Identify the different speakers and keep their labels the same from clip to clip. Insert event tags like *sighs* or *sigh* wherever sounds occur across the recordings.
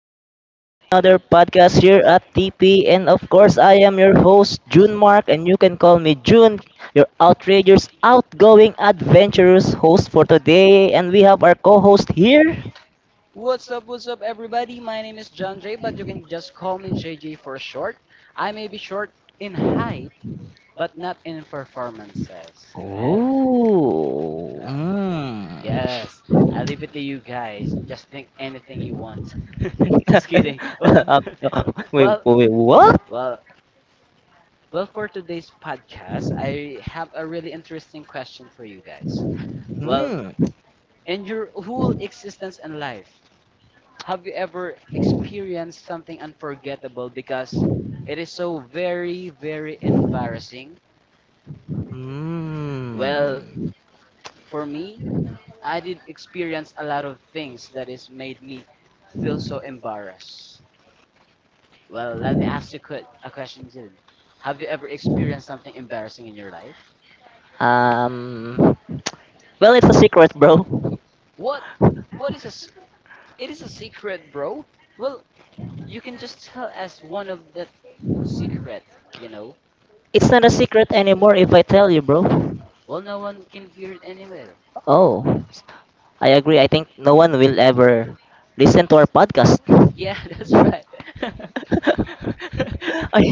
Speaker 1: Another day, another podcast here at TP and of course I am your host June Mark and you can call me June, your outrageous outgoing adventurous host for today and we have our co-host here.
Speaker 2: What's up, everybody? My name is John J, but you can just call me JJ for short. I may be short in height, but not in performances. Well,
Speaker 1: Ooh.
Speaker 2: uh,
Speaker 1: Mm.
Speaker 2: yes, I leave it to you guys. Just think anything you want.
Speaker 1: *laughs*
Speaker 2: *laughs* Just kidding. Well,
Speaker 1: Uh,
Speaker 2: *laughs*
Speaker 1: wait,
Speaker 2: well,
Speaker 1: wait, what?
Speaker 2: well, well, for today's podcast, I have a really interesting question for you guys. Well,
Speaker 1: Hmm.
Speaker 2: in your whole existence and life, have you ever experienced something unforgettable because it is so very embarrassing?
Speaker 1: Hmm.
Speaker 2: Well, for me, I did experience a lot of things that is made me feel so embarrassed. Well, let me ask you a question then. Have you ever experienced something embarrassing in your life?
Speaker 1: Um. Well, it's a secret, bro.
Speaker 2: What? What is a? s- It is a secret, bro. Well, you can just tell us one of the secret, you know.
Speaker 1: It's not a secret anymore if I tell you, bro.
Speaker 2: Well, no one can hear it anyway.
Speaker 1: Oh, I agree. I think no one will ever listen to our podcast.
Speaker 2: Yeah, that's right. *laughs*
Speaker 1: *laughs* I,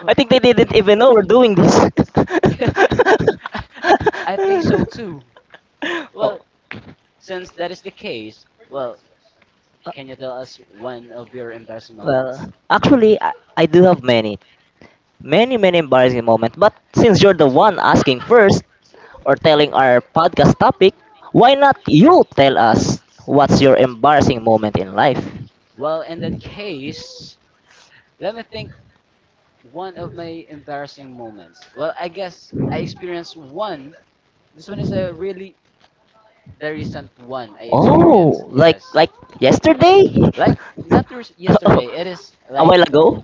Speaker 2: Well,
Speaker 1: I think they didn't even know we're doing this. *laughs*
Speaker 2: yes, *laughs* I think so too.
Speaker 1: Oh,
Speaker 2: Well, since that is the case, well,
Speaker 1: uh,
Speaker 2: can you tell us one of your embarrassing moments?
Speaker 1: well, actually, I do have many, many, many embarrassing moments. But since you're the one asking first, or telling our podcast topic, why not you tell us what's your embarrassing moment in life?
Speaker 2: Well, in that case, let me think one of my embarrassing moments. Well, I guess I experienced one. This one is a really the recent one I experienced.
Speaker 1: Oh, like
Speaker 2: Yes.
Speaker 1: like yesterday? *laughs*
Speaker 2: Like not the
Speaker 1: Oh,
Speaker 2: yesterday. It is
Speaker 1: a
Speaker 2: like
Speaker 1: while ago?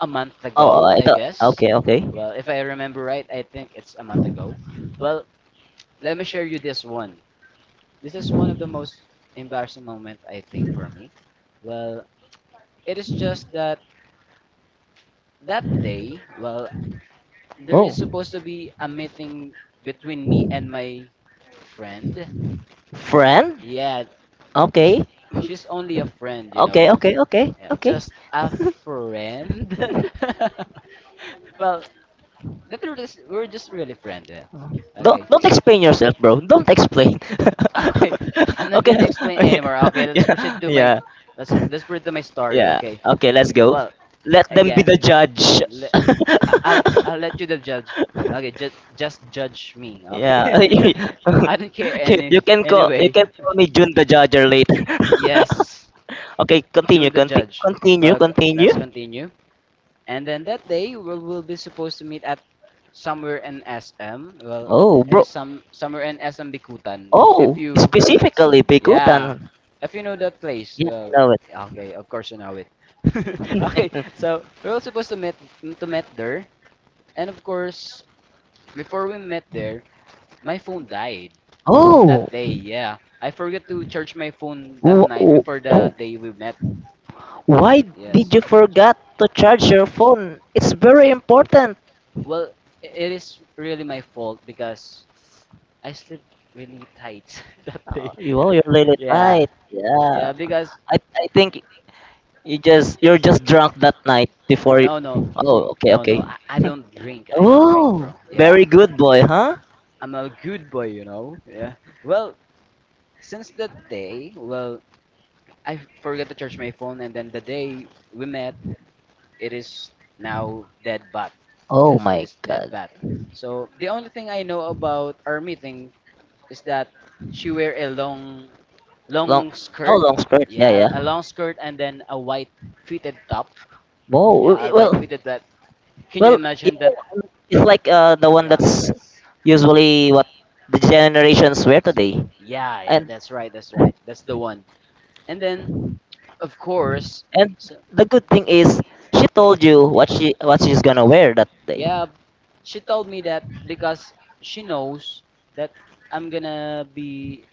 Speaker 2: a month
Speaker 1: Oh,
Speaker 2: ago,
Speaker 1: I
Speaker 2: I
Speaker 1: thought,
Speaker 2: guess.
Speaker 1: okay, okay.
Speaker 2: Well, if I remember right, I think it's a month ago. Well, let me share you this one. This is one of the most embarrassing moment I think for me. Well, it is just that that day, well, there
Speaker 1: Oh.
Speaker 2: is supposed to be a meeting between me and my friend.
Speaker 1: Friend?
Speaker 2: Yeah, she,
Speaker 1: Okay.
Speaker 2: she's only a friend, you
Speaker 1: Okay,
Speaker 2: know.
Speaker 1: okay, okay,
Speaker 2: Yeah,
Speaker 1: okay.
Speaker 2: just a friend. *laughs*
Speaker 1: *laughs*
Speaker 2: Well, the truth is, we're just really friends. Eh.
Speaker 1: Don't
Speaker 2: Okay.
Speaker 1: don't explain yourself, bro. Don't explain.
Speaker 2: Okay, *laughs* I'm
Speaker 1: *laughs*
Speaker 2: not
Speaker 1: okay.
Speaker 2: gonna explain
Speaker 1: *laughs*
Speaker 2: anymore. Okay,
Speaker 1: yeah. Yeah.
Speaker 2: let's proceed to my story.
Speaker 1: Yeah.
Speaker 2: Okay.
Speaker 1: Okay, let's go.
Speaker 2: Well,
Speaker 1: Let them be
Speaker 2: again,
Speaker 1: the judge.
Speaker 2: le- I'll let you the judge. Okay, just
Speaker 1: *laughs*
Speaker 2: judge me.
Speaker 1: yeah.
Speaker 2: Okay.
Speaker 1: *laughs*
Speaker 2: *laughs* I don't care
Speaker 1: you, you can call you
Speaker 2: anyway.
Speaker 1: can call me June the judger later.
Speaker 2: Yes,
Speaker 1: *laughs* okay, continue,
Speaker 2: June the judge.
Speaker 1: continue,
Speaker 2: Well,
Speaker 1: continue.
Speaker 2: let's continue. And then that day we will be supposed to meet at somewhere in SM. Well,
Speaker 1: Oh,
Speaker 2: it
Speaker 1: bro.
Speaker 2: is somewhere in SM Bikutan. If
Speaker 1: Oh,
Speaker 2: you
Speaker 1: specifically
Speaker 2: Yeah,
Speaker 1: Bigutan.
Speaker 2: if you know that place,
Speaker 1: Yeah, I know it.
Speaker 2: okay, of course you know it. *laughs* Okay, so we were supposed to meet there, and of course, before we met there, my phone died
Speaker 1: *laughs*
Speaker 2: that
Speaker 1: oh,
Speaker 2: day. Yeah, I forgot to charge my phone that
Speaker 1: wh-
Speaker 2: night before the day
Speaker 1: wh-
Speaker 2: we met.
Speaker 1: why did
Speaker 2: Yes,
Speaker 1: you forget to charge your phone? It's very important.
Speaker 2: well, it is really my fault because I slept really tight *laughs* that
Speaker 1: Oh,
Speaker 2: day.
Speaker 1: oh,
Speaker 2: *laughs*
Speaker 1: you're really
Speaker 2: Yeah,
Speaker 1: tight. Yeah,
Speaker 2: yeah, because
Speaker 1: I think you're just drunk that night before. You.
Speaker 2: no, no,
Speaker 1: Oh, okay,
Speaker 2: no, no,
Speaker 1: okay.
Speaker 2: I
Speaker 1: *laughs*
Speaker 2: don't drink. I don't drink, bro.
Speaker 1: Oh,
Speaker 2: Yeah,
Speaker 1: very good boy, huh?
Speaker 2: I'm a good boy, you know. Yeah. Well, since that day, well, I forgot to charge my phone, and then the day we met, it is now dead bat.
Speaker 1: Oh
Speaker 2: Yes, it
Speaker 1: my
Speaker 2: is dead
Speaker 1: God.
Speaker 2: bat. So the only thing I know about our meeting is that she wear a
Speaker 1: Long,
Speaker 2: long
Speaker 1: oh,
Speaker 2: skirt.
Speaker 1: long skirt. Yeah,
Speaker 2: Yeah,
Speaker 1: yeah.
Speaker 2: a long skirt and then a white fitted top.
Speaker 1: Oh,
Speaker 2: Yeah, a white
Speaker 1: well,
Speaker 2: fitted that. Can you
Speaker 1: well, yeah,
Speaker 2: imagine that?
Speaker 1: it's like the one
Speaker 2: Yeah.
Speaker 1: that's usually what the generations wear today.
Speaker 2: Yeah, yeah,
Speaker 1: And
Speaker 2: that's right, that's right. That's the one. And then of course.
Speaker 1: and
Speaker 2: So
Speaker 1: the good thing is she told you what she's gonna wear that day.
Speaker 2: yeah, she told me that because she knows that I'm gonna be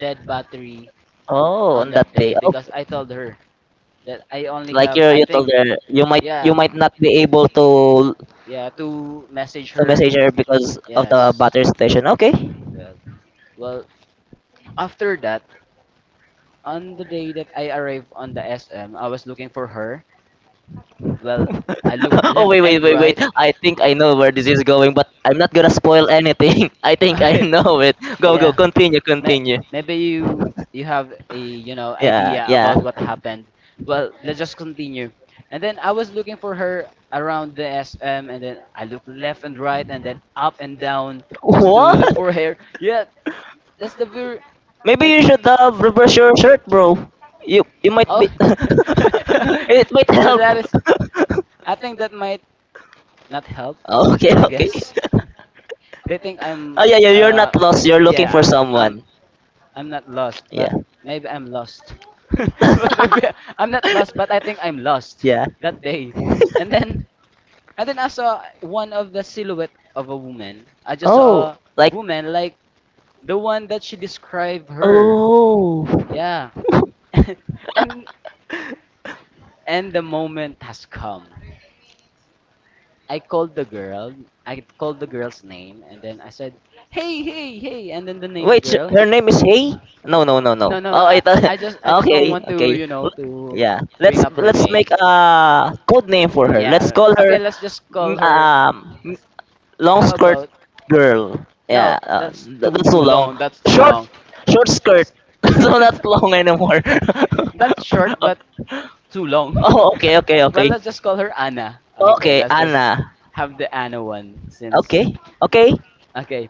Speaker 2: dead battery
Speaker 1: Oh,
Speaker 2: on
Speaker 1: on
Speaker 2: that
Speaker 1: that
Speaker 2: day
Speaker 1: day.
Speaker 2: because I
Speaker 1: Okay.
Speaker 2: told her that I only
Speaker 1: Like
Speaker 2: have
Speaker 1: you
Speaker 2: I
Speaker 1: you told
Speaker 2: think
Speaker 1: her you
Speaker 2: yeah
Speaker 1: might not be able to
Speaker 2: yeah to message her
Speaker 1: message her because of the
Speaker 2: yes
Speaker 1: battery station. Okay.
Speaker 2: well well after that on the day that I arrived on the SM I was looking for her well I look
Speaker 1: *laughs* oh,
Speaker 2: left
Speaker 1: wait, wait,
Speaker 2: and
Speaker 1: wait, wait.
Speaker 2: right
Speaker 1: I think I know where this is going, but I'm not gonna spoil anything. *laughs* I
Speaker 2: *laughs*
Speaker 1: think I
Speaker 2: okay.
Speaker 1: know it. Go, go,
Speaker 2: Yeah.
Speaker 1: continue,
Speaker 2: May-
Speaker 1: continue.
Speaker 2: Maybe you you have a you know
Speaker 1: Yeah,
Speaker 2: idea
Speaker 1: yeah.
Speaker 2: about what happened. Well, let's just continue. And then I was looking for her around the SM, and then I looked left and right, and then up and down just to
Speaker 1: What?
Speaker 2: look for her. Yeah, that's the very
Speaker 1: Maybe
Speaker 2: that
Speaker 1: you should reverse your shirt, bro. You might be.
Speaker 2: oh
Speaker 1: *laughs*
Speaker 2: *laughs*
Speaker 1: it might help.
Speaker 2: that is. I think that might not help.
Speaker 1: *laughs* okay,
Speaker 2: I
Speaker 1: okay.
Speaker 2: guess *laughs* they think I'm
Speaker 1: Oh yeah, yeah. You're
Speaker 2: uh
Speaker 1: not lost. You're looking for
Speaker 2: yeah I'm
Speaker 1: someone.
Speaker 2: I'm not lost,
Speaker 1: Yeah,
Speaker 2: but maybe I'm lost. *laughs* But maybe
Speaker 1: *laughs*
Speaker 2: I'm not lost, but I think I'm lost
Speaker 1: yeah.
Speaker 2: that day. And then and then I saw one of the silhouette of a woman. I just
Speaker 1: Oh,
Speaker 2: saw a
Speaker 1: like,
Speaker 2: woman like the one that she described her.
Speaker 1: oh.
Speaker 2: Yeah. *laughs* and and the moment has come. I called the girl. I called the girl's name and then I said, "Hey, hey, hey." And then the name's
Speaker 1: Wait,
Speaker 2: girl.
Speaker 1: her name is Hay? No, no, no, no, no.
Speaker 2: No, no,
Speaker 1: Oh, I thought. *laughs*
Speaker 2: I just don't
Speaker 1: Okay,
Speaker 2: want to,
Speaker 1: okay.
Speaker 2: you know,
Speaker 1: L-
Speaker 2: to
Speaker 1: Yeah,
Speaker 2: bring
Speaker 1: let's
Speaker 2: up her
Speaker 1: let's
Speaker 2: name.
Speaker 1: make a code name for her. Let's
Speaker 2: Yeah.
Speaker 1: call her,
Speaker 2: Okay, let's just call
Speaker 1: call her
Speaker 2: her.
Speaker 1: long
Speaker 2: How
Speaker 1: short skirt
Speaker 2: about?
Speaker 1: girl. Yeah,
Speaker 2: No, that's too
Speaker 1: that's too long.
Speaker 2: long. That's too
Speaker 1: Short,
Speaker 2: long.
Speaker 1: long, short skirt. *laughs* so not
Speaker 2: *laughs*
Speaker 1: long anymore. *laughs* Not.
Speaker 2: That's short, but too
Speaker 1: *laughs*
Speaker 2: long.
Speaker 1: oh, okay, okay,
Speaker 2: *laughs* Well,
Speaker 1: okay.
Speaker 2: let's just call her Anna. Okay,
Speaker 1: Okay,
Speaker 2: let's just
Speaker 1: Anna.
Speaker 2: have the Anna one
Speaker 1: Okay,
Speaker 2: since.
Speaker 1: okay.
Speaker 2: Okay,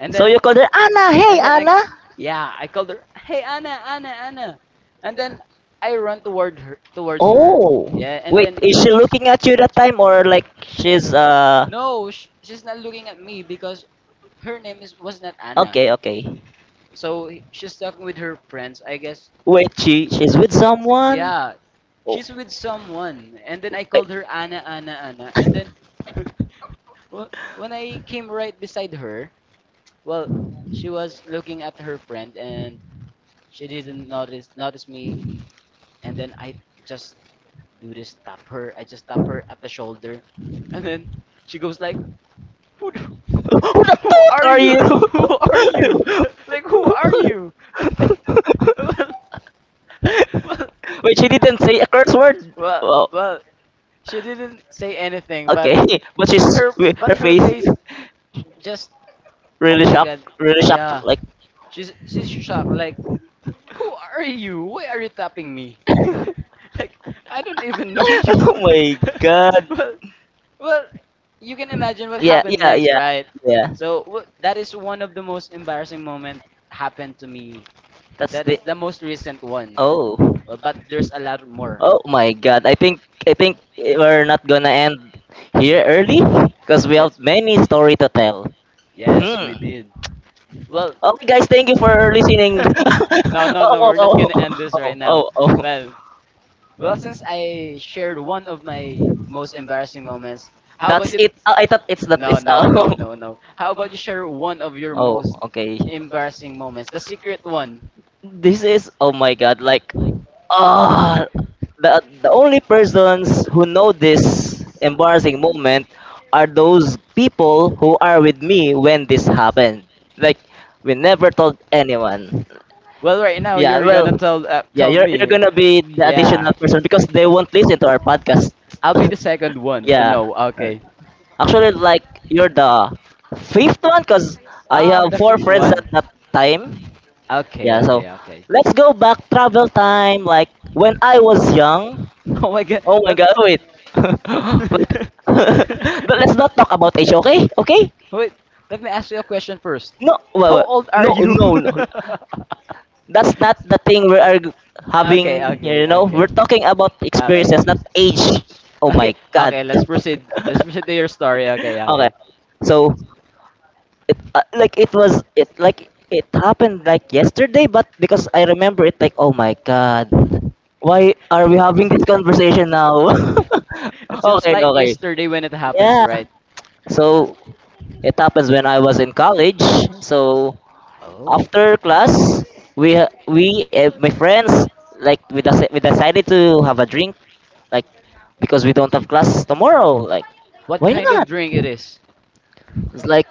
Speaker 2: and
Speaker 1: So
Speaker 2: then.
Speaker 1: you called her Anna. Hey,
Speaker 2: And then I,
Speaker 1: Anna.
Speaker 2: yeah, I called her. Hey, Anna, Anna. And then I run towards her.
Speaker 1: Oh,
Speaker 2: Yeah, and
Speaker 1: wait.
Speaker 2: then
Speaker 1: Is she looking at you that time, or like she's?
Speaker 2: no, she's not looking at me because her name is was not Anna.
Speaker 1: Okay, okay.
Speaker 2: So she's talking with her friends, I guess.
Speaker 1: Wait, she's with someone.
Speaker 2: Yeah,
Speaker 1: Oh.
Speaker 2: she's with
Speaker 1: Wait.
Speaker 2: someone. And then I called her Anna, Anna. And then *laughs* when I came right beside her, well, she was looking at her friend and she didn't notice me, and then I just do this tap her. I just tap her at the shoulder, and then she goes like, "Who, do,
Speaker 1: *laughs* Who the
Speaker 2: *laughs* who
Speaker 1: fuck
Speaker 2: are
Speaker 1: are
Speaker 2: you?
Speaker 1: you?
Speaker 2: Who are you? *laughs* Like who are you?" *laughs* Then, well, well,
Speaker 1: *laughs* Wait, she didn't say a curse word.
Speaker 2: well,
Speaker 1: Wow.
Speaker 2: well, she didn't say anything,
Speaker 1: Okay, *laughs* but she's her
Speaker 2: but her
Speaker 1: face
Speaker 2: face just
Speaker 1: *laughs*
Speaker 2: oh my god,
Speaker 1: really shocked,
Speaker 2: yeah.
Speaker 1: like.
Speaker 2: She's shocked. Like who are you? Why are you tapping me?
Speaker 1: *laughs*
Speaker 2: *laughs* Like I don't even know you.
Speaker 1: oh my god.
Speaker 2: *laughs* well,
Speaker 1: *laughs*
Speaker 2: Well, you can imagine what
Speaker 1: Yeah,
Speaker 2: happened
Speaker 1: yeah,
Speaker 2: next,
Speaker 1: yeah,
Speaker 2: right?
Speaker 1: yeah.
Speaker 2: So that is one of the most embarrassing moment happened to me.
Speaker 1: That's
Speaker 2: That is
Speaker 1: the.
Speaker 2: the most recent one.
Speaker 1: Oh.
Speaker 2: Well, but there's a lot more.
Speaker 1: Oh my god. I think we're not gonna end here early because we
Speaker 2: Eh,
Speaker 1: have many story to tell.
Speaker 2: yes, we
Speaker 1: Hmm.
Speaker 2: did. Well,
Speaker 1: Okay, guys, thank you for listening. *laughs*
Speaker 2: *laughs* no, no, no,
Speaker 1: oh,
Speaker 2: we're not
Speaker 1: oh,
Speaker 2: gonna
Speaker 1: oh,
Speaker 2: end this
Speaker 1: oh,
Speaker 2: right now.
Speaker 1: oh. oh.
Speaker 2: Well, well, since I shared one of my most embarrassing moments, how about
Speaker 1: That's
Speaker 2: you?
Speaker 1: it. I thought it's that
Speaker 2: No,
Speaker 1: is
Speaker 2: no,
Speaker 1: all.
Speaker 2: no, no, no. How about you share one of
Speaker 1: *laughs*
Speaker 2: your
Speaker 1: oh,
Speaker 2: most
Speaker 1: okay.
Speaker 2: embarrassing moments, the secret one?
Speaker 1: This is, oh my god, like ah the the only persons who know this embarrassing moment are those people who are with me when this happened. Like, we never told anyone.
Speaker 2: Well, right now
Speaker 1: Yeah,
Speaker 2: you're
Speaker 1: well,
Speaker 2: gonna tell
Speaker 1: yeah,
Speaker 2: tell
Speaker 1: you're
Speaker 2: me.
Speaker 1: gonna be the
Speaker 2: Yeah,
Speaker 1: additional person because they won't listen to our podcast.
Speaker 2: I'll be the second
Speaker 1: *laughs*
Speaker 2: one to
Speaker 1: yeah.
Speaker 2: know. Okay.
Speaker 1: Actually, like, you're the fifth one, cause I
Speaker 2: Ah,
Speaker 1: have
Speaker 2: I'm the
Speaker 1: four
Speaker 2: fifth
Speaker 1: friends at
Speaker 2: one.
Speaker 1: that time.
Speaker 2: Okay,
Speaker 1: Yeah, so
Speaker 2: okay, okay. *laughs*
Speaker 1: let's go back travel time. Like when I was young.
Speaker 2: Oh my god,
Speaker 1: Oh my
Speaker 2: that.
Speaker 1: God! Wait. *laughs* Wait. *laughs*
Speaker 2: *laughs*
Speaker 1: but let's not talk about age, okay? Okay?
Speaker 2: Wait, let me ask you a question first.
Speaker 1: No, well,
Speaker 2: How old are
Speaker 1: no,
Speaker 2: you?
Speaker 1: no, no.
Speaker 2: *laughs*
Speaker 1: That's not the thing we are having.
Speaker 2: Okay,
Speaker 1: You
Speaker 2: okay,
Speaker 1: know,
Speaker 2: okay.
Speaker 1: we're talking about
Speaker 2: Okay.
Speaker 1: experiences, not age. Oh
Speaker 2: Okay,
Speaker 1: my God.
Speaker 2: okay, let's proceed. Let's proceed to your story. Okay,
Speaker 1: *laughs* okay.
Speaker 2: okay.
Speaker 1: So it, like it happened like yesterday, but because I remember it like, oh my god, why are we having this conversation now?
Speaker 2: *laughs* It
Speaker 1: *laughs*
Speaker 2: seems
Speaker 1: okay,
Speaker 2: like
Speaker 1: okay,
Speaker 2: yesterday when it happens,
Speaker 1: yeah.
Speaker 2: right? Uh,
Speaker 1: So it happens when I was in college. So
Speaker 2: oh.
Speaker 1: after class, we ha- we my friends, like we decided to have a drink, like because we don't have class tomorrow, like
Speaker 2: What
Speaker 1: why
Speaker 2: kind of
Speaker 1: not.
Speaker 2: drink it is?
Speaker 1: It's like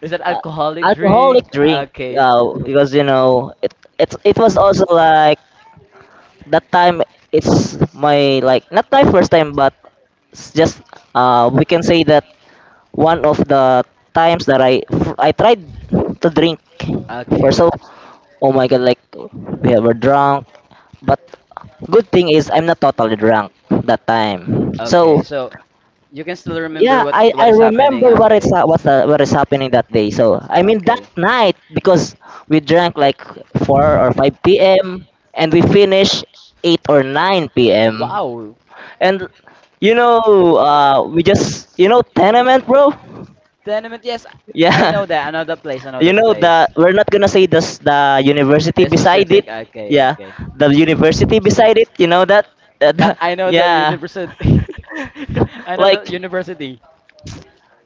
Speaker 2: Is it
Speaker 1: uh,
Speaker 2: alcoholic
Speaker 1: alcoholic
Speaker 2: drink?
Speaker 1: drink.
Speaker 2: Okay.
Speaker 1: Because you know it was also like that time. It's my, like, not my first time, but it's just we can say that one of the times that I tried to drink first.
Speaker 2: Okay.
Speaker 1: So oh my god, like we were drunk, but good thing is I'm not totally drunk that time.
Speaker 2: Okay.
Speaker 1: So
Speaker 2: So you can still remember
Speaker 1: yeah, I,
Speaker 2: what
Speaker 1: I
Speaker 2: is happening.
Speaker 1: remember what it's
Speaker 2: Okay.
Speaker 1: ha- what the, what is happening that day. So I mean that
Speaker 2: Okay.
Speaker 1: night because we drank like 4 or 5 p.m. and we finished 8 or 9 p.m.
Speaker 2: Wow.
Speaker 1: And you know, we just tenement, bro.
Speaker 2: Tenement, yes. I
Speaker 1: Yeah,
Speaker 2: know that. I know the place. I
Speaker 1: *laughs*
Speaker 2: know
Speaker 1: you
Speaker 2: the
Speaker 1: know
Speaker 2: place.
Speaker 1: the we're not gonna say this the university
Speaker 2: The
Speaker 1: beside it.
Speaker 2: specific. Okay.
Speaker 1: Yeah,
Speaker 2: Okay.
Speaker 1: the university beside it. You know that. *laughs*
Speaker 2: But I know the
Speaker 1: yeah,
Speaker 2: university. *laughs* I
Speaker 1: *laughs*
Speaker 2: know
Speaker 1: like.
Speaker 2: the university.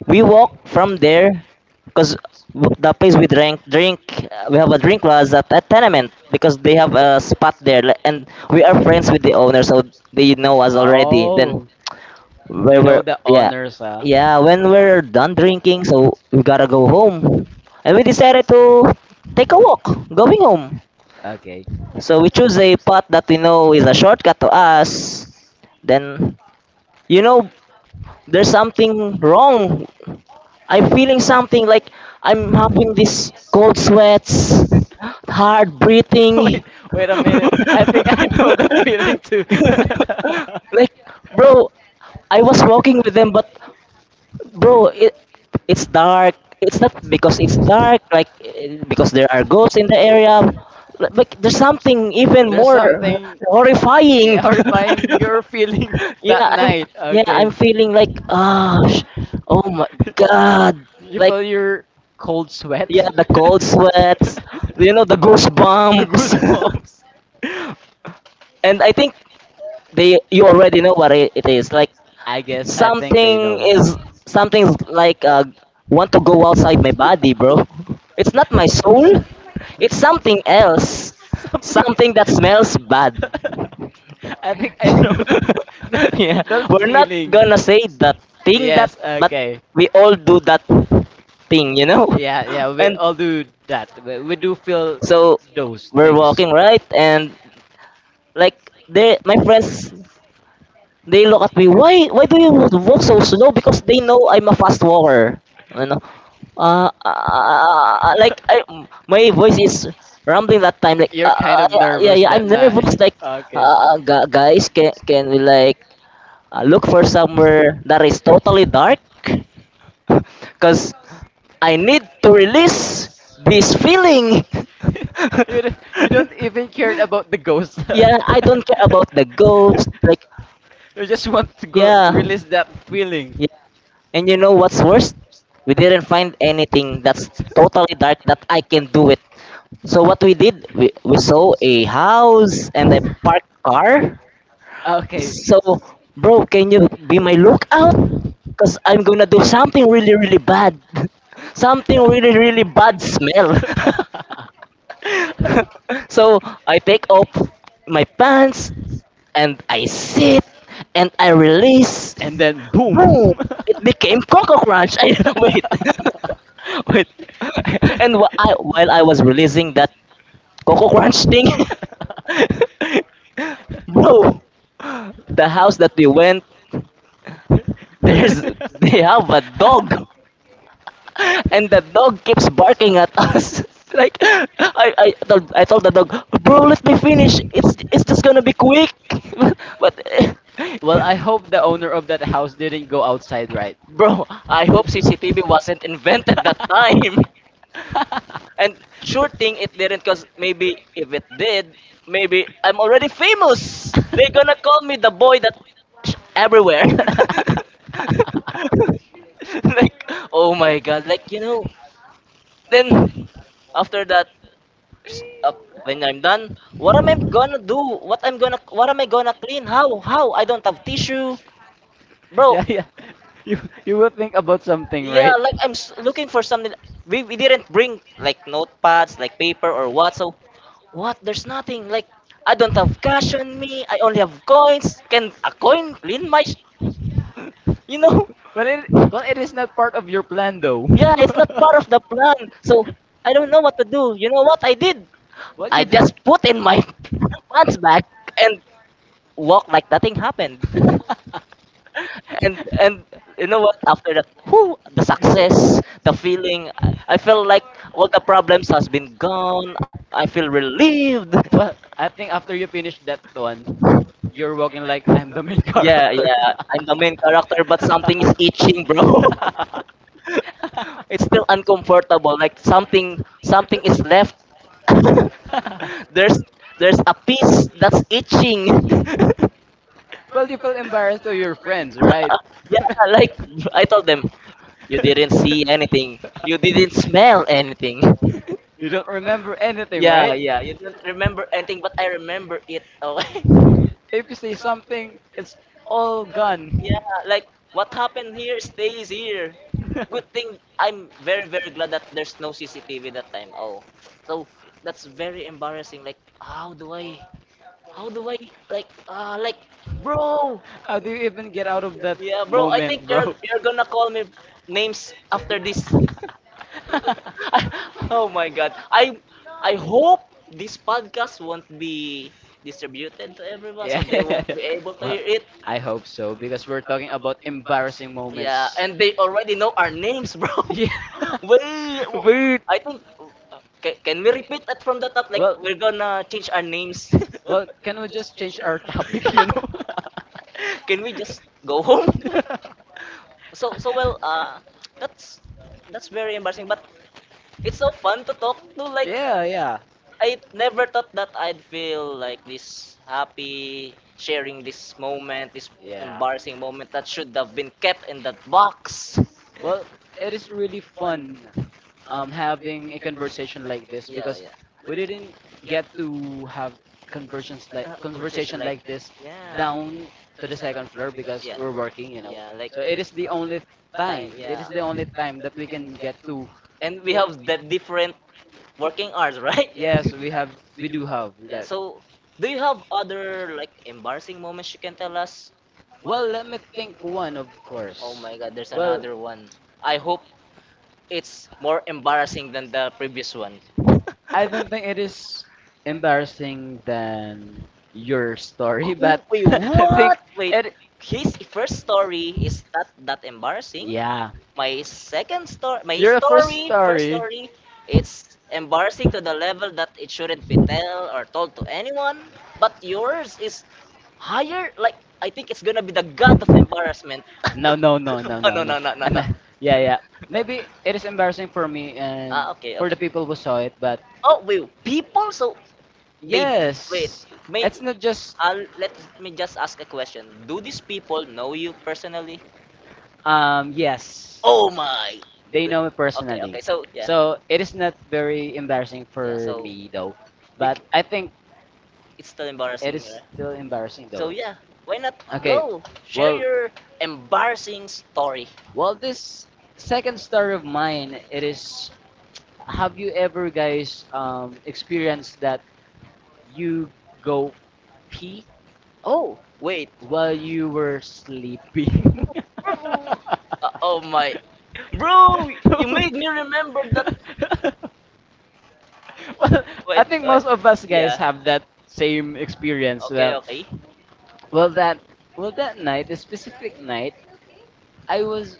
Speaker 1: We walk from there because the place we drank drink, we have a drink, was at a tenement because they have a spot there, like, and we are friends with the owner, so they know us already. Then
Speaker 2: Oh.
Speaker 1: we
Speaker 2: You know
Speaker 1: were
Speaker 2: the
Speaker 1: yeah,
Speaker 2: honors, huh?
Speaker 1: yeah, when we're done drinking, so we gotta go home, and we decided to take a walk going home.
Speaker 2: Okay.
Speaker 1: So we choose a path that we know is a shortcut to us. Then you know there's something wrong. I'm feeling something, like I'm having this cold sweats, hard
Speaker 2: *laughs*
Speaker 1: breathing.
Speaker 2: Wait, wait a
Speaker 1: *laughs*
Speaker 2: minute. I think I know that feeling too. *laughs*
Speaker 1: like, bro, I was walking with them, but bro, it's dark. It's not because it's dark, like because there are ghosts in the area. Like there's something even
Speaker 2: There's
Speaker 1: more
Speaker 2: something
Speaker 1: horrifying.
Speaker 2: yeah, horrifying your feeling
Speaker 1: *laughs*
Speaker 2: *laughs*
Speaker 1: yeah,
Speaker 2: that night.
Speaker 1: I'm
Speaker 2: Okay.
Speaker 1: feeling like
Speaker 2: *laughs*
Speaker 1: oh my god,
Speaker 2: You
Speaker 1: like
Speaker 2: feel your cold sweat?
Speaker 1: yeah, the
Speaker 2: *laughs*
Speaker 1: cold
Speaker 2: The
Speaker 1: sweats, the goosebumps.
Speaker 2: goosebumps.
Speaker 1: *laughs* and I think they you already know what it is. Like
Speaker 2: I guess I think they
Speaker 1: something
Speaker 2: know.
Speaker 1: is something's like
Speaker 2: *laughs*
Speaker 1: want to go outside my body, bro. It's not my soul. It's something else.
Speaker 2: Something.
Speaker 1: Something that smells bad.
Speaker 2: *laughs* I think I know that
Speaker 1: *laughs*
Speaker 2: *laughs* that,
Speaker 1: yeah,
Speaker 2: that
Speaker 1: we're not
Speaker 2: feeling.
Speaker 1: gonna say the thing that
Speaker 2: Yes, okay.
Speaker 1: we all do that thing, you know?
Speaker 2: Yeah, yeah,
Speaker 1: *laughs*
Speaker 2: we
Speaker 1: And
Speaker 2: all do that. We do feel
Speaker 1: so
Speaker 2: those
Speaker 1: we're things,
Speaker 2: things.
Speaker 1: walking right, and like they my friends, they look at me, why do you walk so slow? Because they know I'm a fast walker. You know?
Speaker 2: *laughs*
Speaker 1: Like, my voice is rumbling that time. Like, you're
Speaker 2: You're kind
Speaker 1: nervous.
Speaker 2: of
Speaker 1: Yeah, yeah,
Speaker 2: nervous
Speaker 1: yeah, I'm
Speaker 2: that
Speaker 1: nervous.
Speaker 2: night.
Speaker 1: Like,
Speaker 2: *laughs*
Speaker 1: okay,
Speaker 2: Okay.
Speaker 1: guys, can we like look for somewhere that is totally dark, *laughs* because I need to release this feeling.
Speaker 2: *laughs* You don't
Speaker 1: *laughs*
Speaker 2: even cared about the ghost.
Speaker 1: yeah, I don't care
Speaker 2: *laughs*
Speaker 1: about the ghost. Like,
Speaker 2: You just want to go
Speaker 1: yeah,
Speaker 2: release that feeling.
Speaker 1: yeah. And you know what's worse? We didn't find anything that's totally dark that I can do it. So what we did, we saw a house and a parked car.
Speaker 2: Ah, okay.
Speaker 1: So, bro, can you be my lookout? Because I'm gonna do something really, really bad. *laughs* something really, really bad smell. *laughs* so I take off my pants and I sit and
Speaker 2: *laughs*
Speaker 1: I release.
Speaker 2: And then boom.
Speaker 1: Boom! It became Coco Crunch. *laughs* Wait, *laughs* wait. And while I was releasing that Coco Crunch thing, *laughs* bro, the house that we went, there's they have a dog. And the dog keeps barking at us. *laughs* like, I told the dog, bro, let me finish. It's just gonna be quick. *laughs* but
Speaker 2: *laughs* Well, I hope the owner of that house didn't go outside, right?
Speaker 1: bro, I hope CCTV wasn't invented that time. *laughs* And sure thing it didn't, cause maybe if it did, maybe I'm already famous. They're gonna call me the boy that sh- everywhere. *laughs* like, oh my god, like.
Speaker 2: *laughs*
Speaker 1: Then after that, up when I'm done. What am I gonna do? What am I gonna clean? How I don't have tissue,
Speaker 2: *laughs*
Speaker 1: bro.
Speaker 2: Yeah,
Speaker 1: *laughs*
Speaker 2: yeah. You you will think about something,
Speaker 1: Yeah,
Speaker 2: right?
Speaker 1: like I'm looking for something. We didn't bring like notepads, like paper or what. So what? There's nothing. Like, I don't have cash on me. I only have coins. Can a coin clean my? You know? *laughs*
Speaker 2: Well it is not part of your plan though.
Speaker 1: Yeah, it's not
Speaker 2: *laughs*
Speaker 1: part of the plan. So I don't know what to do. You know what I did?
Speaker 2: What
Speaker 1: I
Speaker 2: you do?
Speaker 1: just put in my *laughs* pants back and walk like nothing happened. and you know what, after that, whew,
Speaker 2: *laughs*
Speaker 1: the feeling, I feel like all the problems has been gone. I feel relieved.
Speaker 2: Well,
Speaker 1: *laughs*
Speaker 2: I think after you finish that one, you're walking like I'm the main
Speaker 1: yeah,
Speaker 2: character.
Speaker 1: yeah, I'm the
Speaker 2: *laughs*
Speaker 1: main character, but something is itching, bro. *laughs* it's still uncomfortable, like something is left. *laughs* there's there's a piece that's itching.
Speaker 2: Well, you felt embarrassed to your friends, right?
Speaker 1: *laughs* yeah, like I told them, you didn't see anything. You didn't
Speaker 2: *laughs*
Speaker 1: smell anything. *laughs*
Speaker 2: You don't remember anything,
Speaker 1: yeah,
Speaker 2: right?
Speaker 1: yeah. You didn't remember anything, but I remember it. Oh, *laughs*
Speaker 2: If you say something, it's all gone.
Speaker 1: yeah, like what happened here stays here. Good
Speaker 2: *laughs*
Speaker 1: thing I'm very very glad that there's no CCTV that time. Oh, so that's very embarrassing. Like how do I like bro?
Speaker 2: How do you even get out of that
Speaker 1: Yeah, bro. I think
Speaker 2: moment,
Speaker 1: you're
Speaker 2: bro?
Speaker 1: you're gonna call me names after this.
Speaker 2: *laughs*
Speaker 1: *laughs* Oh my god. I hope this podcast won't be distributed to everyone so
Speaker 2: yeah,
Speaker 1: they
Speaker 2: yeah, yeah.
Speaker 1: won't
Speaker 2: yeah.
Speaker 1: be able to
Speaker 2: Well,
Speaker 1: hear it.
Speaker 2: I hope so because we're talking about embarrassing
Speaker 1: Yeah,
Speaker 2: moments.
Speaker 1: and they already know our names, bro.
Speaker 2: Yeah.
Speaker 1: *laughs* Wait,
Speaker 2: *laughs* Wait.
Speaker 1: I think can we repeat that from the top? Like
Speaker 2: Well,
Speaker 1: we're gonna change our names. *laughs*
Speaker 2: well, can we just change our *laughs* topic, you know? *laughs*
Speaker 1: Can we just go home? *laughs*
Speaker 2: *laughs*
Speaker 1: So, well, that's that's very embarrassing, but it's so fun to talk to. Like
Speaker 2: Yeah, yeah,
Speaker 1: I never thought that I'd feel like this happy sharing this moment, this
Speaker 2: yeah.
Speaker 1: embarrassing moment that should have been kept in that box.
Speaker 2: Well, it is really fun having a conversation like this
Speaker 1: Yeah,
Speaker 2: because
Speaker 1: yeah.
Speaker 2: we didn't get to have conversions like
Speaker 1: Uh,
Speaker 2: conversation
Speaker 1: like,
Speaker 2: like this
Speaker 1: yeah,
Speaker 2: down to the second floor because
Speaker 1: yeah,
Speaker 2: we're working, you know.
Speaker 1: yeah, like
Speaker 2: So it is the only time. It is the only
Speaker 1: yeah.
Speaker 2: time that we can get to.
Speaker 1: And we
Speaker 2: Ye-
Speaker 1: have the different working hours, *laughs* right?
Speaker 2: Yes, we have. We do have
Speaker 1: Yeah,
Speaker 2: that.
Speaker 1: so do you have other like embarrassing moments you can tell us?
Speaker 2: Well, let me think one, of
Speaker 1: Oh
Speaker 2: course.
Speaker 1: my god, there's
Speaker 2: Well,
Speaker 1: another one. I hope it's more embarrassing than the previous one. Ooh,
Speaker 2: I don't
Speaker 1: *laughs*
Speaker 2: think it is embarrassing than your story, but
Speaker 1: Wait,
Speaker 2: *laughs* I think
Speaker 1: what? Wait,
Speaker 2: it.
Speaker 1: his first story is not that embarrassing.
Speaker 2: Yeah,
Speaker 1: My second story, my
Speaker 2: your first
Speaker 1: story, first
Speaker 2: story.
Speaker 1: story, it's embarrassing to the level that it shouldn't be tell or told to anyone. But yours is higher. Like I think it's gonna be the god of
Speaker 2: *laughs*
Speaker 1: embarrassment. *laughs*
Speaker 2: No, no, no, no,
Speaker 1: Oh
Speaker 2: no,
Speaker 1: no
Speaker 2: no.
Speaker 1: no, *laughs* no no no.
Speaker 2: Yeah, yeah. Maybe it is embarrassing for me and
Speaker 1: Ah, okay,
Speaker 2: for the
Speaker 1: okay.
Speaker 2: people who saw it, but
Speaker 1: Oh wait, people. So they wait. Wait.
Speaker 2: yes,
Speaker 1: May
Speaker 2: it's not just
Speaker 1: I'll, let me just ask a question. Do these people know you personally?
Speaker 2: yes.
Speaker 1: Oh no. My.
Speaker 2: They know me
Speaker 1: Okay,
Speaker 2: personally.
Speaker 1: okay. So yeah.
Speaker 2: So it is not very embarrassing for
Speaker 1: So
Speaker 2: me though,
Speaker 1: you,
Speaker 2: but I think
Speaker 1: it's still
Speaker 2: it
Speaker 1: embarrassing. uh,
Speaker 2: is still embarrassing
Speaker 1: So
Speaker 2: though.
Speaker 1: yeah, why not
Speaker 2: Okay,
Speaker 1: go share
Speaker 2: well,
Speaker 1: your embarrassing story?
Speaker 2: this second story of mine, it is. Have you ever, guys, experienced that you go pee
Speaker 1: Oh wait,
Speaker 2: while you were sleeping? *laughs* well,
Speaker 1: oh my, bro, you made me remember that.
Speaker 2: I
Speaker 1: Wait,
Speaker 2: think
Speaker 1: wait,
Speaker 2: most of us guys
Speaker 1: yeah,
Speaker 2: have that same experience.
Speaker 1: okay, okay,
Speaker 2: Well that well, that night, a specific night, I was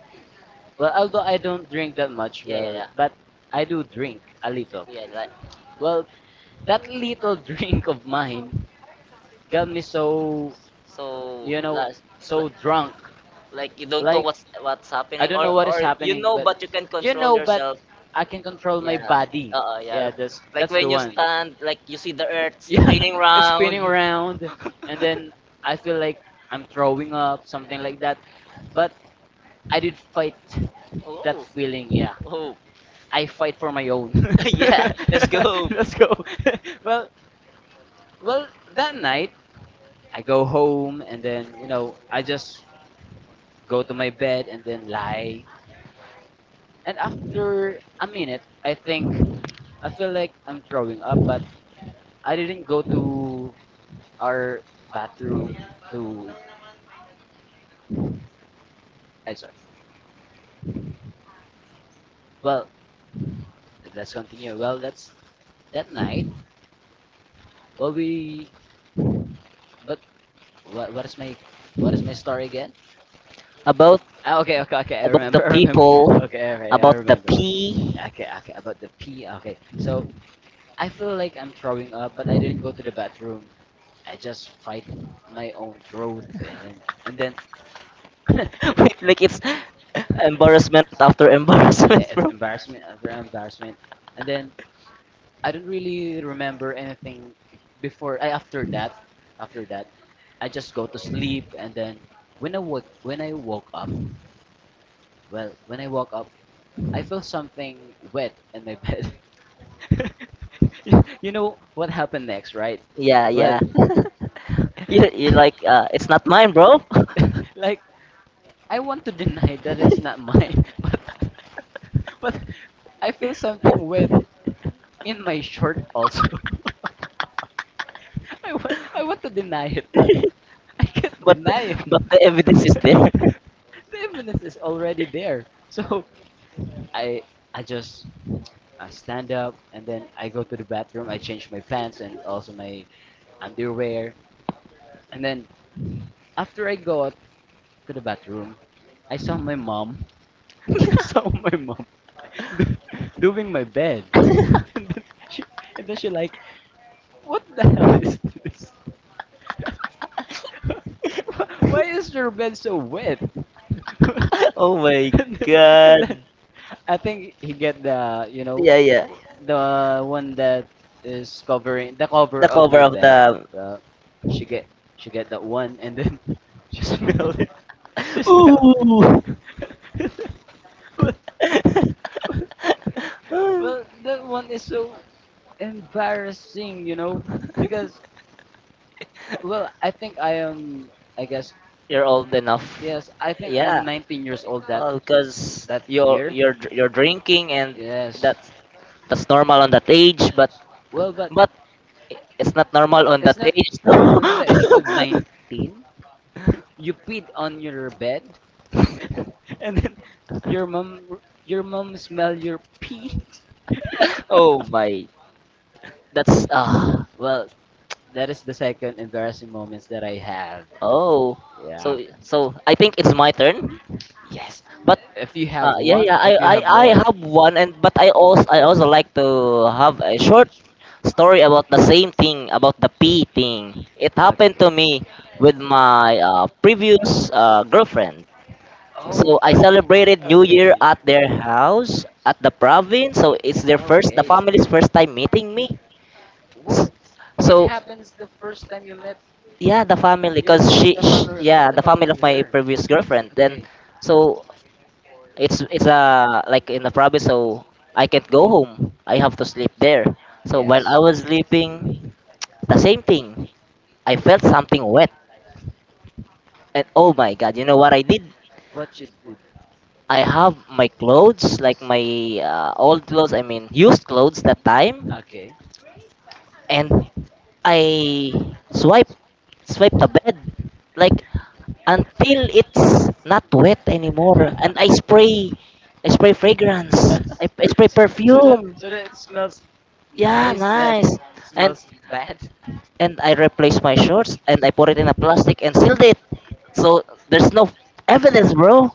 Speaker 2: well although I don't drink that much,
Speaker 1: yeah, yeah, yeah,
Speaker 2: but I do drink a little.
Speaker 1: yeah. Like
Speaker 2: Well, that little *laughs* drink of mine got me so
Speaker 1: so
Speaker 2: you know
Speaker 1: last.
Speaker 2: so drunk
Speaker 1: Like you don't know, like
Speaker 2: like
Speaker 1: what's I
Speaker 2: I
Speaker 1: happening,
Speaker 2: don't
Speaker 1: or
Speaker 2: know what is
Speaker 1: you
Speaker 2: happening,
Speaker 1: know
Speaker 2: but
Speaker 1: but you can you control
Speaker 2: but
Speaker 1: yourself.
Speaker 2: I can control
Speaker 1: Yeah.
Speaker 2: my
Speaker 1: Uh,
Speaker 2: body.
Speaker 1: so yeah.
Speaker 2: Yeah, that's
Speaker 1: Like
Speaker 2: that's the
Speaker 1: when you
Speaker 2: one.
Speaker 1: stand, like you see the earth *laughs* spinning
Speaker 2: Yeah,
Speaker 1: spinning
Speaker 2: *laughs* it's
Speaker 1: round.
Speaker 2: spinning around, and then I feel like I'm throwing up, something like that. But I did fight that
Speaker 1: Oh.
Speaker 2: feeling.
Speaker 1: Yeah,
Speaker 2: Yeah,
Speaker 1: oh.
Speaker 2: I
Speaker 1: *laughs*
Speaker 2: fight for my own. *laughs*
Speaker 1: Yeah, let's go.
Speaker 2: Let's go. *laughs* well well, that night I go home, and then, you know, I just go to my bed and then lie. And after a minute, I think I feel like I'm throwing up, but I didn't go to our bathroom to I sorry. Well, let's continue. That's that night. Well, we but what is my what is my story again?
Speaker 1: *laughs* About
Speaker 2: Ah, okay, okay, okay. I
Speaker 1: about the
Speaker 2: remember. *laughs* I remember.
Speaker 1: people,
Speaker 2: Okay, okay, I
Speaker 1: about the
Speaker 2: remember.
Speaker 1: pee. *laughs*
Speaker 2: Okay, okay. About the pee. Okay, so I feel like I'm throwing up, but I didn't go to the bathroom. I just fight my own growth, and then, and then
Speaker 1: *laughs* Wait, like it's *laughs* embarrassment after
Speaker 2: *laughs*
Speaker 1: embarrassment,
Speaker 2: yeah,
Speaker 1: bro.
Speaker 2: it's embarrassment after embarrassment. And then I don't really remember anything before I after that. After that, I just go to sleep, and then when I woke up, when I woke up, I felt something wet in my bed. *laughs* You know what happened next, right?
Speaker 1: Yeah,
Speaker 2: Well,
Speaker 1: yeah.
Speaker 2: *laughs*
Speaker 1: *laughs* You, like it's not mine, bro. *laughs* But
Speaker 2: like I want to deny that it's not mine, *laughs* but *laughs* But I feel something wet in my shirt also. *laughs* I want to deny it, but I can't
Speaker 1: the,
Speaker 2: deny it.
Speaker 1: but the evidence is there.
Speaker 2: *laughs* The evidence is already there. So I I just I stand up and then I go to the bathroom. I change my pants and also my underwear. And then after I go out to the bathroom, I saw my mom. *laughs* I saw my mom *laughs* doing my bed. *laughs* And then she she like, what the hell is this? *laughs* Why is your bed so wet? *laughs* and,
Speaker 1: *laughs* Oh my
Speaker 2: then, and then
Speaker 1: god.
Speaker 2: I think he get, the you know,
Speaker 1: Yeah, yeah.
Speaker 2: the one that is covering the cover
Speaker 1: The
Speaker 2: of
Speaker 1: cover
Speaker 2: my
Speaker 1: of
Speaker 2: bed.
Speaker 1: the.
Speaker 2: Uh, she get she get that one, and then *laughs* she smell it. She
Speaker 1: *laughs*
Speaker 2: smell it.
Speaker 1: Ooh.
Speaker 2: *laughs* well,
Speaker 1: *laughs*
Speaker 2: well, well, that one is so embarrassing, you know, because well, I guess
Speaker 1: You're old enough.
Speaker 2: yes, I think
Speaker 1: Yeah.
Speaker 2: I'm 19 years old that
Speaker 1: Oh, because
Speaker 2: that
Speaker 1: you're
Speaker 2: year.
Speaker 1: you're dr- you're drinking and
Speaker 2: Yes.
Speaker 1: that's that's normal on that age, but
Speaker 2: Well, but
Speaker 1: but it's not normal on
Speaker 2: it's
Speaker 1: that
Speaker 2: not
Speaker 1: age.
Speaker 2: on the age of
Speaker 1: *laughs*
Speaker 2: 19. *laughs* You peed on your bed, *laughs* and then your mom your mom smell your pee. *laughs*
Speaker 1: Oh my, that's ah
Speaker 2: Well, that is the second embarrassing moments that I have.
Speaker 1: oh. So
Speaker 2: Yeah.
Speaker 1: so I think it's my turn.
Speaker 2: Yes.
Speaker 1: But
Speaker 2: If you have one, if you have
Speaker 1: I
Speaker 2: more.
Speaker 1: have one and but I also like to have a short story about the same thing about the pee thing. It happened to
Speaker 2: Okay.
Speaker 1: me with my previous girlfriend.
Speaker 2: Oh,
Speaker 1: So I
Speaker 2: okay.
Speaker 1: celebrated
Speaker 2: *laughs*
Speaker 1: New Year
Speaker 2: Okay.
Speaker 1: at their house at the province. So it's their first, the
Speaker 2: Okay.
Speaker 1: family's first time meeting me. S-
Speaker 2: What? It
Speaker 1: So
Speaker 2: happens the first time you met
Speaker 1: yeah, the family,
Speaker 2: your
Speaker 1: cause she,
Speaker 2: the
Speaker 1: sh
Speaker 2: family,
Speaker 1: yeah, the family
Speaker 2: of
Speaker 1: of my
Speaker 2: her.
Speaker 1: previous girlfriend. Then,
Speaker 2: Okay.
Speaker 1: so it's like in the province, so I can't go home. I have to sleep there. So while I
Speaker 2: Yes.
Speaker 1: was sleeping, the same thing. I felt something wet, and oh my God, you know what I did?
Speaker 2: What you did?
Speaker 1: I have my clothes, like my old clothes. I mean, used clothes that time,
Speaker 2: Okay.
Speaker 1: and I swipe swipe the bed like until it's not wet anymore. And
Speaker 2: *laughs*
Speaker 1: I spray fragrance, I spray
Speaker 2: So that,
Speaker 1: perfume.
Speaker 2: so that it smells
Speaker 1: Yeah,
Speaker 2: nice, not
Speaker 1: nice. And
Speaker 2: smells bad.
Speaker 1: I replaced my shorts and I put it in a plastic and sealed it. So there's no evidence, bro.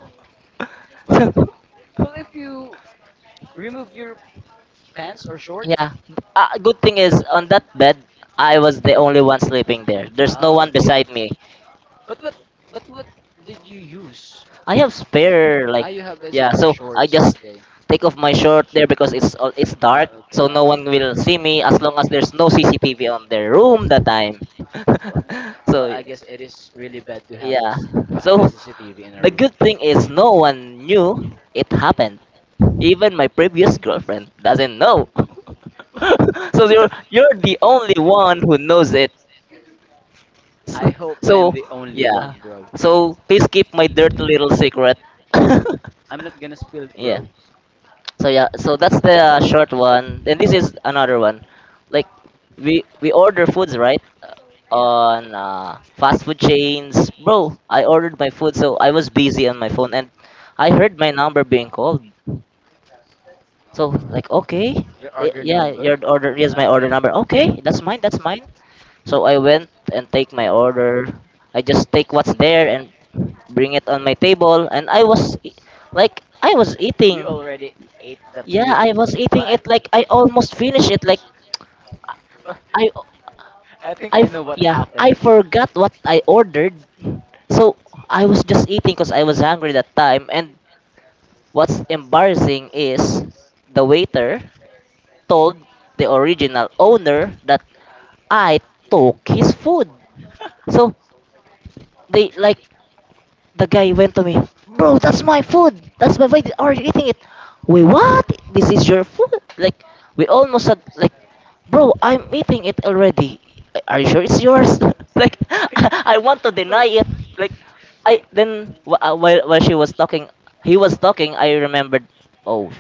Speaker 2: Well, well, if you remove your pants or
Speaker 1: *laughs*
Speaker 2: short.
Speaker 1: Yeah. Good thing is on that bed, I was the only one sleeping there. There's no
Speaker 2: Oh,
Speaker 1: one
Speaker 2: okay.
Speaker 1: beside me.
Speaker 2: But what but what did you use?
Speaker 1: I have spare like
Speaker 2: Ah, you have a
Speaker 1: yeah,
Speaker 2: spare
Speaker 1: so I
Speaker 2: shorts.
Speaker 1: just
Speaker 2: Okay.
Speaker 1: take off my shirt there because it's
Speaker 2: Ah,
Speaker 1: dark,
Speaker 2: okay,
Speaker 1: so no one
Speaker 2: okay.
Speaker 1: will see me as long as there's no CCTV on their room that time.
Speaker 2: Well,
Speaker 1: *laughs*
Speaker 2: well,
Speaker 1: So
Speaker 2: I guess it is really bad to
Speaker 1: yeah.
Speaker 2: have a
Speaker 1: So
Speaker 2: CCTV in a
Speaker 1: the
Speaker 2: room.
Speaker 1: good thing is no one knew it happened. Even my previous girlfriend doesn't know. *laughs* So you're the only one who knows it.
Speaker 2: *laughs* I hope
Speaker 1: *laughs* So
Speaker 2: I'm the only one,
Speaker 1: yeah.
Speaker 2: bro.
Speaker 1: So please keep my dirty little secret.
Speaker 2: I'm not gonna
Speaker 1: *laughs*
Speaker 2: spill it,
Speaker 1: Yeah.
Speaker 2: bro.
Speaker 1: So yeah. So that's the short one. And this is another one. Like we order foods right
Speaker 2: Yeah.
Speaker 1: on fast food chains, bro. I ordered my food, so I was busy on my phone, and I heard my number being called. So like okay,
Speaker 2: Your order
Speaker 1: yeah, your
Speaker 2: number?
Speaker 1: order. Yes, my order
Speaker 2: Okay.
Speaker 1: number. Okay, that's mine. That's mine. So I went and take my order. I just take what's there and bring it on my table and like I was
Speaker 2: You
Speaker 1: eating.
Speaker 2: already ate the
Speaker 1: Yeah,
Speaker 2: food.
Speaker 1: I was
Speaker 2: Well,
Speaker 1: eating
Speaker 2: I,
Speaker 1: it like I almost finished it like
Speaker 2: *laughs*
Speaker 1: I
Speaker 2: I think I know what
Speaker 1: yeah,
Speaker 2: happened.
Speaker 1: I forgot what I ordered. So I was just eating because I was hungry that time and what's embarrassing is the waiter told the original owner that I took his food. So they like the guy went to me, bro, that's my food. That's my food. Are you eating it? Wait, what? This is your food? Like, we almost said, like, bro, I'm eating it already. Are you sure it's yours? *laughs* Like, *laughs* I want to
Speaker 2: *laughs* Wait.
Speaker 1: deny it. Like,
Speaker 2: Wait.
Speaker 1: I then wh- while she was talking, he was talking. I remembered. Oh,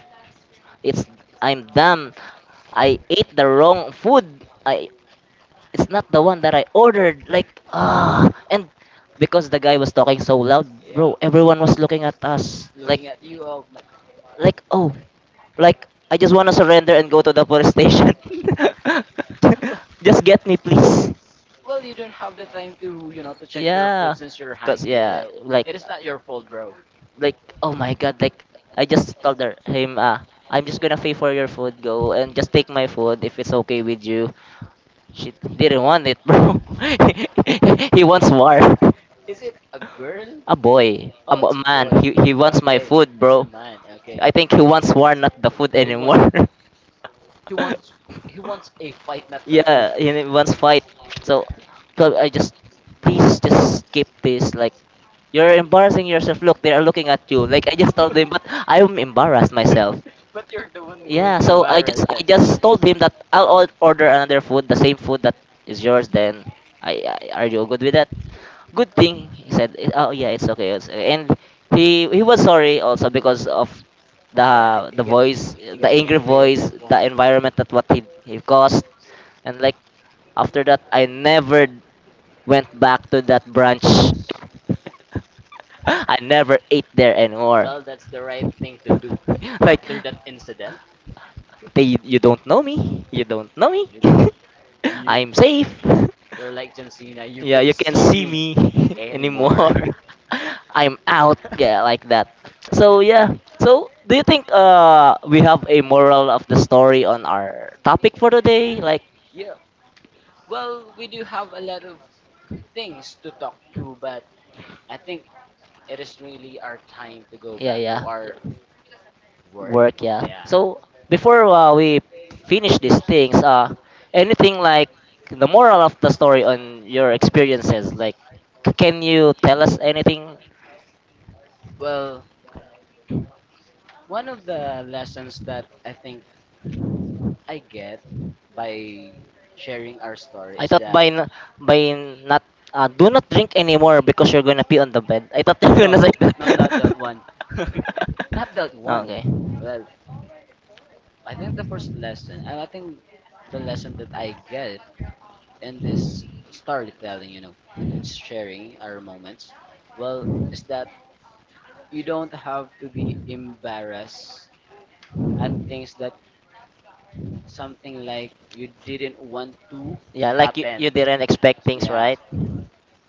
Speaker 1: it's I'm dumb. I ate the wrong food. I it's not the one that I ordered. Like, ah. And because the guy was talking so loud,
Speaker 2: Yeah.
Speaker 1: bro, everyone was looking at us.
Speaker 2: Looking at you all. Like,
Speaker 1: Like, oh, like, I just want to surrender and go to the police station. *laughs* Just get me, please.
Speaker 2: well, you don't have the time to, you know, to check your
Speaker 1: Yeah.
Speaker 2: food since you're hungry.
Speaker 1: Yeah,
Speaker 2: Yeah. It is not your fault, bro.
Speaker 1: like, oh my god, like, I just told him, ah, I'm just gonna pay for your food, go and just take my food if it's okay with you. She didn't want it, bro. *laughs* He wants war.
Speaker 2: Is it a girl?
Speaker 1: A boy,
Speaker 2: Oh,
Speaker 1: a
Speaker 2: it's a
Speaker 1: man.
Speaker 2: boy.
Speaker 1: He wants my
Speaker 2: Okay,
Speaker 1: food,
Speaker 2: it's a
Speaker 1: bro.
Speaker 2: man. Okay.
Speaker 1: I think he wants war, not the food
Speaker 2: He wants
Speaker 1: anymore.
Speaker 2: he wants he wants a fight, not
Speaker 1: *laughs*
Speaker 2: the food.
Speaker 1: Yeah, he wants fight. So, so I just please just skip this. Like. You're embarrassing yourself. Look, they are looking at you. Like I just told them, but
Speaker 2: *laughs*
Speaker 1: I'm embarrassed myself.
Speaker 2: But you're the one who's
Speaker 1: Yeah, so
Speaker 2: embarrassed.
Speaker 1: I
Speaker 2: That's it.
Speaker 1: just told him that order another food, the same food that is yours. Then I are you good with that? Good thing he said. "Eh, oh yeah, it's okay. It's, and he was sorry also because of the
Speaker 2: Yeah,
Speaker 1: the voice,
Speaker 2: he
Speaker 1: the
Speaker 2: got
Speaker 1: angry
Speaker 2: angry at that
Speaker 1: voice,
Speaker 2: one.
Speaker 1: the environment that what he caused. And like after that, I never went back to that branch. *laughs* I never ate there anymore.
Speaker 2: Well, that's the right thing to do.
Speaker 1: *laughs* Like
Speaker 2: After that incident,
Speaker 1: they you don't know me. You don't know me.
Speaker 2: you know,
Speaker 1: *laughs*
Speaker 2: you
Speaker 1: I'm safe. *laughs*
Speaker 2: you're like John Cena. You
Speaker 1: Well, yeah,
Speaker 2: can
Speaker 1: you can't
Speaker 2: see
Speaker 1: see
Speaker 2: me
Speaker 1: me *laughs*
Speaker 2: anymore.
Speaker 1: anymore.
Speaker 2: *laughs*
Speaker 1: *laughs* I'm out, yeah, like that. So yeah. So do you think we have a moral of the story on our topic for today? Like
Speaker 2: Yeah. Well, we do have a lot of things to talk to, but I think it is really our time to go
Speaker 1: yeah,
Speaker 2: back to
Speaker 1: yeah.
Speaker 2: our work.
Speaker 1: Work. Yeah,
Speaker 2: Yeah.
Speaker 1: so before we finish these things anything like the moral of the story on your experiences like can you tell us anything.
Speaker 2: Well, one of the lessons that I think I get by sharing our story
Speaker 1: i
Speaker 2: is
Speaker 1: thought
Speaker 2: that,
Speaker 1: by n- by not do not drink anymore because you're gonna pee on the bed, I thought *laughs*
Speaker 2: *laughs*
Speaker 1: you're
Speaker 2: no,
Speaker 1: gonna say
Speaker 2: no, no, not that
Speaker 1: that.
Speaker 2: one. *laughs* Not that one.
Speaker 1: *laughs* Okay,
Speaker 2: Well, I think the first lesson, and I think the lesson that I get in this storytelling, you know, and sharing our moments, well, is that you don't have to be embarrassed at things that, something like, you didn't want to
Speaker 1: yeah, like you,
Speaker 2: happen.
Speaker 1: you didn't expect things
Speaker 2: Yeah.
Speaker 1: right.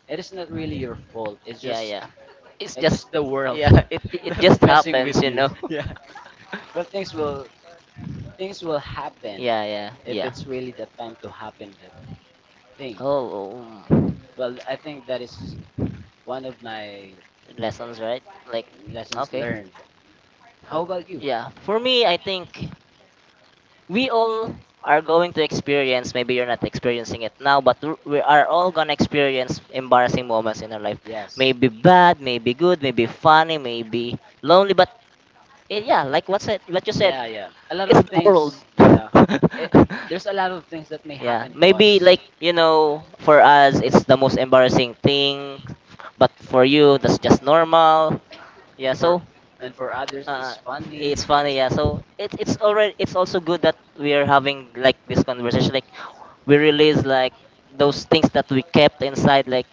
Speaker 2: It is not really your fault.
Speaker 1: yeah yeah it's yeah
Speaker 2: It's just the world
Speaker 1: *laughs* it,
Speaker 2: *laughs*
Speaker 1: it
Speaker 2: that
Speaker 1: just
Speaker 2: messing
Speaker 1: happens
Speaker 2: with you.
Speaker 1: know.
Speaker 2: *laughs* Yeah.
Speaker 1: *laughs*
Speaker 2: But things will Things will happen
Speaker 1: Yeah, yeah,
Speaker 2: if
Speaker 1: yeah.
Speaker 2: it's really the time to happen that thing.
Speaker 1: Oh, oh,
Speaker 2: Well, I think that is one of my
Speaker 1: lessons, right? Like,
Speaker 2: lessons
Speaker 1: okay.
Speaker 2: learned. How about you?
Speaker 1: Yeah, for me, I think we all are going to experience, maybe you're not experiencing it now, but we are all going to experience embarrassing moments in our life.
Speaker 2: Yes.
Speaker 1: Maybe bad, maybe good, maybe funny, maybe lonely, but and yeah, like what said, what you said,
Speaker 2: Yeah, yeah. A lot
Speaker 1: it's
Speaker 2: of
Speaker 1: the world.
Speaker 2: things. Yeah. It,
Speaker 1: It,
Speaker 2: there's a lot
Speaker 1: *laughs*
Speaker 2: of things that may
Speaker 1: *laughs* yeah,
Speaker 2: happen to
Speaker 1: maybe
Speaker 2: us,
Speaker 1: like you know, for us it's the most embarrassing thing, but for you that's just normal. Yeah,
Speaker 2: and
Speaker 1: so
Speaker 2: for others,
Speaker 1: uh,
Speaker 2: it's funny.
Speaker 1: it's funny. Yeah, so it's already it's also good that we are having like this conversation. Like we release like those things that we kept inside. Like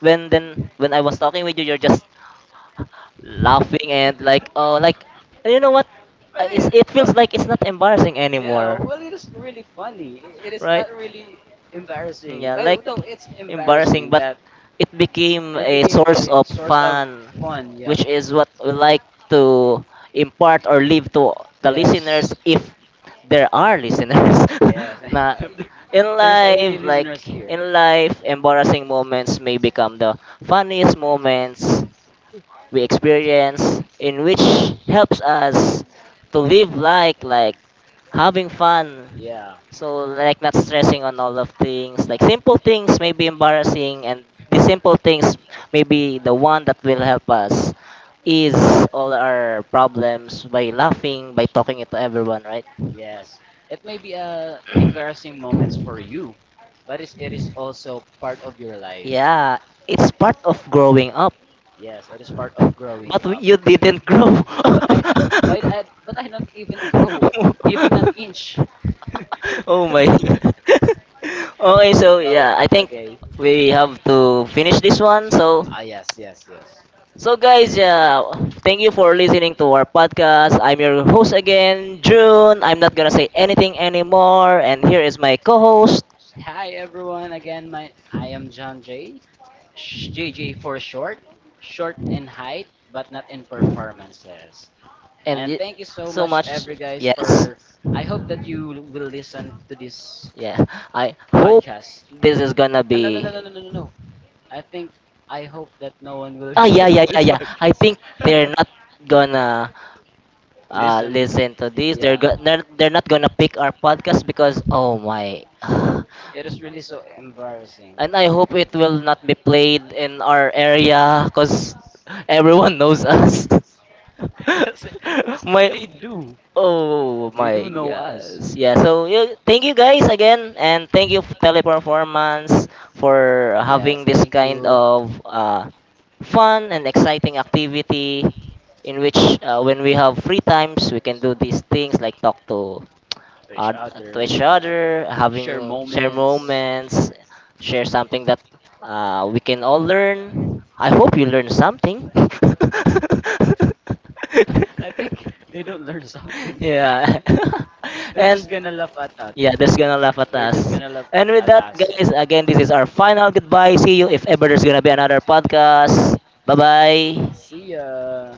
Speaker 1: when then when I was talking with you, you're just laughing and like oh like and you know what
Speaker 2: But
Speaker 1: it's,
Speaker 2: it,
Speaker 1: it
Speaker 2: well,
Speaker 1: feels like it's not embarrassing, yeah,
Speaker 2: yeah.
Speaker 1: anymore,
Speaker 2: Well, it is really funny. It is
Speaker 1: right,
Speaker 2: not really embarrassing.
Speaker 1: yeah,
Speaker 2: Well,
Speaker 1: like
Speaker 2: no, it's embarrassing that
Speaker 1: but it became
Speaker 2: it
Speaker 1: a
Speaker 2: became
Speaker 1: source
Speaker 2: a
Speaker 1: of
Speaker 2: source of fun. Yeah.
Speaker 1: which is what we like to impart or leave to the listeners
Speaker 2: Yes.
Speaker 1: if there are listeners. *laughs* Yeah.
Speaker 2: Yes.
Speaker 1: na
Speaker 2: *laughs*
Speaker 1: In so
Speaker 2: There's any
Speaker 1: life like
Speaker 2: listeners here.
Speaker 1: in life embarrassing moments may become the funniest moments we experience in which helps us to live like having fun
Speaker 2: Yeah.
Speaker 1: so like not stressing on all of things like simple things may be embarrassing and the simple things may be the one that will help us ease all our problems by laughing by talking it to everyone right.
Speaker 2: Yes. It may be embarrassing moments for you, but it is also part of your life.
Speaker 1: Yeah, it's part of growing up.
Speaker 2: Yes, it is part of growing
Speaker 1: But up.
Speaker 2: up.
Speaker 1: You didn't grow. Well, *laughs*
Speaker 2: But I,
Speaker 1: I,
Speaker 2: but I don't even grow, *laughs* even an inch.
Speaker 1: *laughs* oh my god.
Speaker 2: *laughs*
Speaker 1: *laughs* Okay, so
Speaker 2: Oh,
Speaker 1: yeah, I think
Speaker 2: okay.
Speaker 1: we have to finish this one. So
Speaker 2: Ah, yes, yes, yes.
Speaker 1: so guys, yeah, thank you for listening to our podcast. I'm your host again, June. I'm not gonna say anything anymore, and here is my co-host.
Speaker 2: Hi everyone again. My I am John J, Sh- JJ for short, short in height but not in performances.
Speaker 1: and
Speaker 2: And
Speaker 1: y-
Speaker 2: thank you so
Speaker 1: so
Speaker 2: much,
Speaker 1: much,
Speaker 2: every guys,
Speaker 1: yes,
Speaker 2: for. I hope that you will listen to this
Speaker 1: yeah, I hope
Speaker 2: podcast.
Speaker 1: this is gonna
Speaker 2: Ah, no, no,
Speaker 1: be
Speaker 2: no, no, no, no, no. I think I hope that no one will *laughs*
Speaker 1: ah, yeah yeah yeah yeah, I think *laughs* they're not gonna
Speaker 2: listen,
Speaker 1: listen to this.
Speaker 2: yeah, to
Speaker 1: They're not gonna pick our podcast because oh my. *sighs*
Speaker 2: yeah, this yeah, yeah, podcast. *laughs* Listen, yeah, it is really so embarrassing.
Speaker 1: And
Speaker 2: *laughs*
Speaker 1: I hope it will not be played in our area because everyone knows us.
Speaker 2: Yes, yes,
Speaker 1: *laughs* My.
Speaker 2: they do.
Speaker 1: Oh
Speaker 2: They do
Speaker 1: my
Speaker 2: know us.
Speaker 1: gosh. Yeah, so yeah, thank you guys again and thank you Teleperformance for
Speaker 2: Yes,
Speaker 1: having this
Speaker 2: thank
Speaker 1: kind
Speaker 2: you
Speaker 1: of fun and exciting activity in which when we have free times we can do these things like talk
Speaker 2: to each
Speaker 1: uh, to
Speaker 2: other.
Speaker 1: each
Speaker 2: You know,
Speaker 1: other,
Speaker 2: share
Speaker 1: having share
Speaker 2: moments.
Speaker 1: moments, share something that we can all learn. I hope you learn something. *laughs*
Speaker 2: *laughs* I think they don't learn *laughs* something.
Speaker 1: Yeah. *laughs*
Speaker 2: They're
Speaker 1: And yeah,
Speaker 2: just gonna laugh at us.
Speaker 1: they there's gonna laugh at
Speaker 2: They're just
Speaker 1: us.
Speaker 2: gonna laugh
Speaker 1: And with
Speaker 2: at
Speaker 1: that,
Speaker 2: us.
Speaker 1: guys, again, this is our final goodbye. See you if ever there's gonna be another podcast. Bye
Speaker 2: See
Speaker 1: bye.
Speaker 2: ya.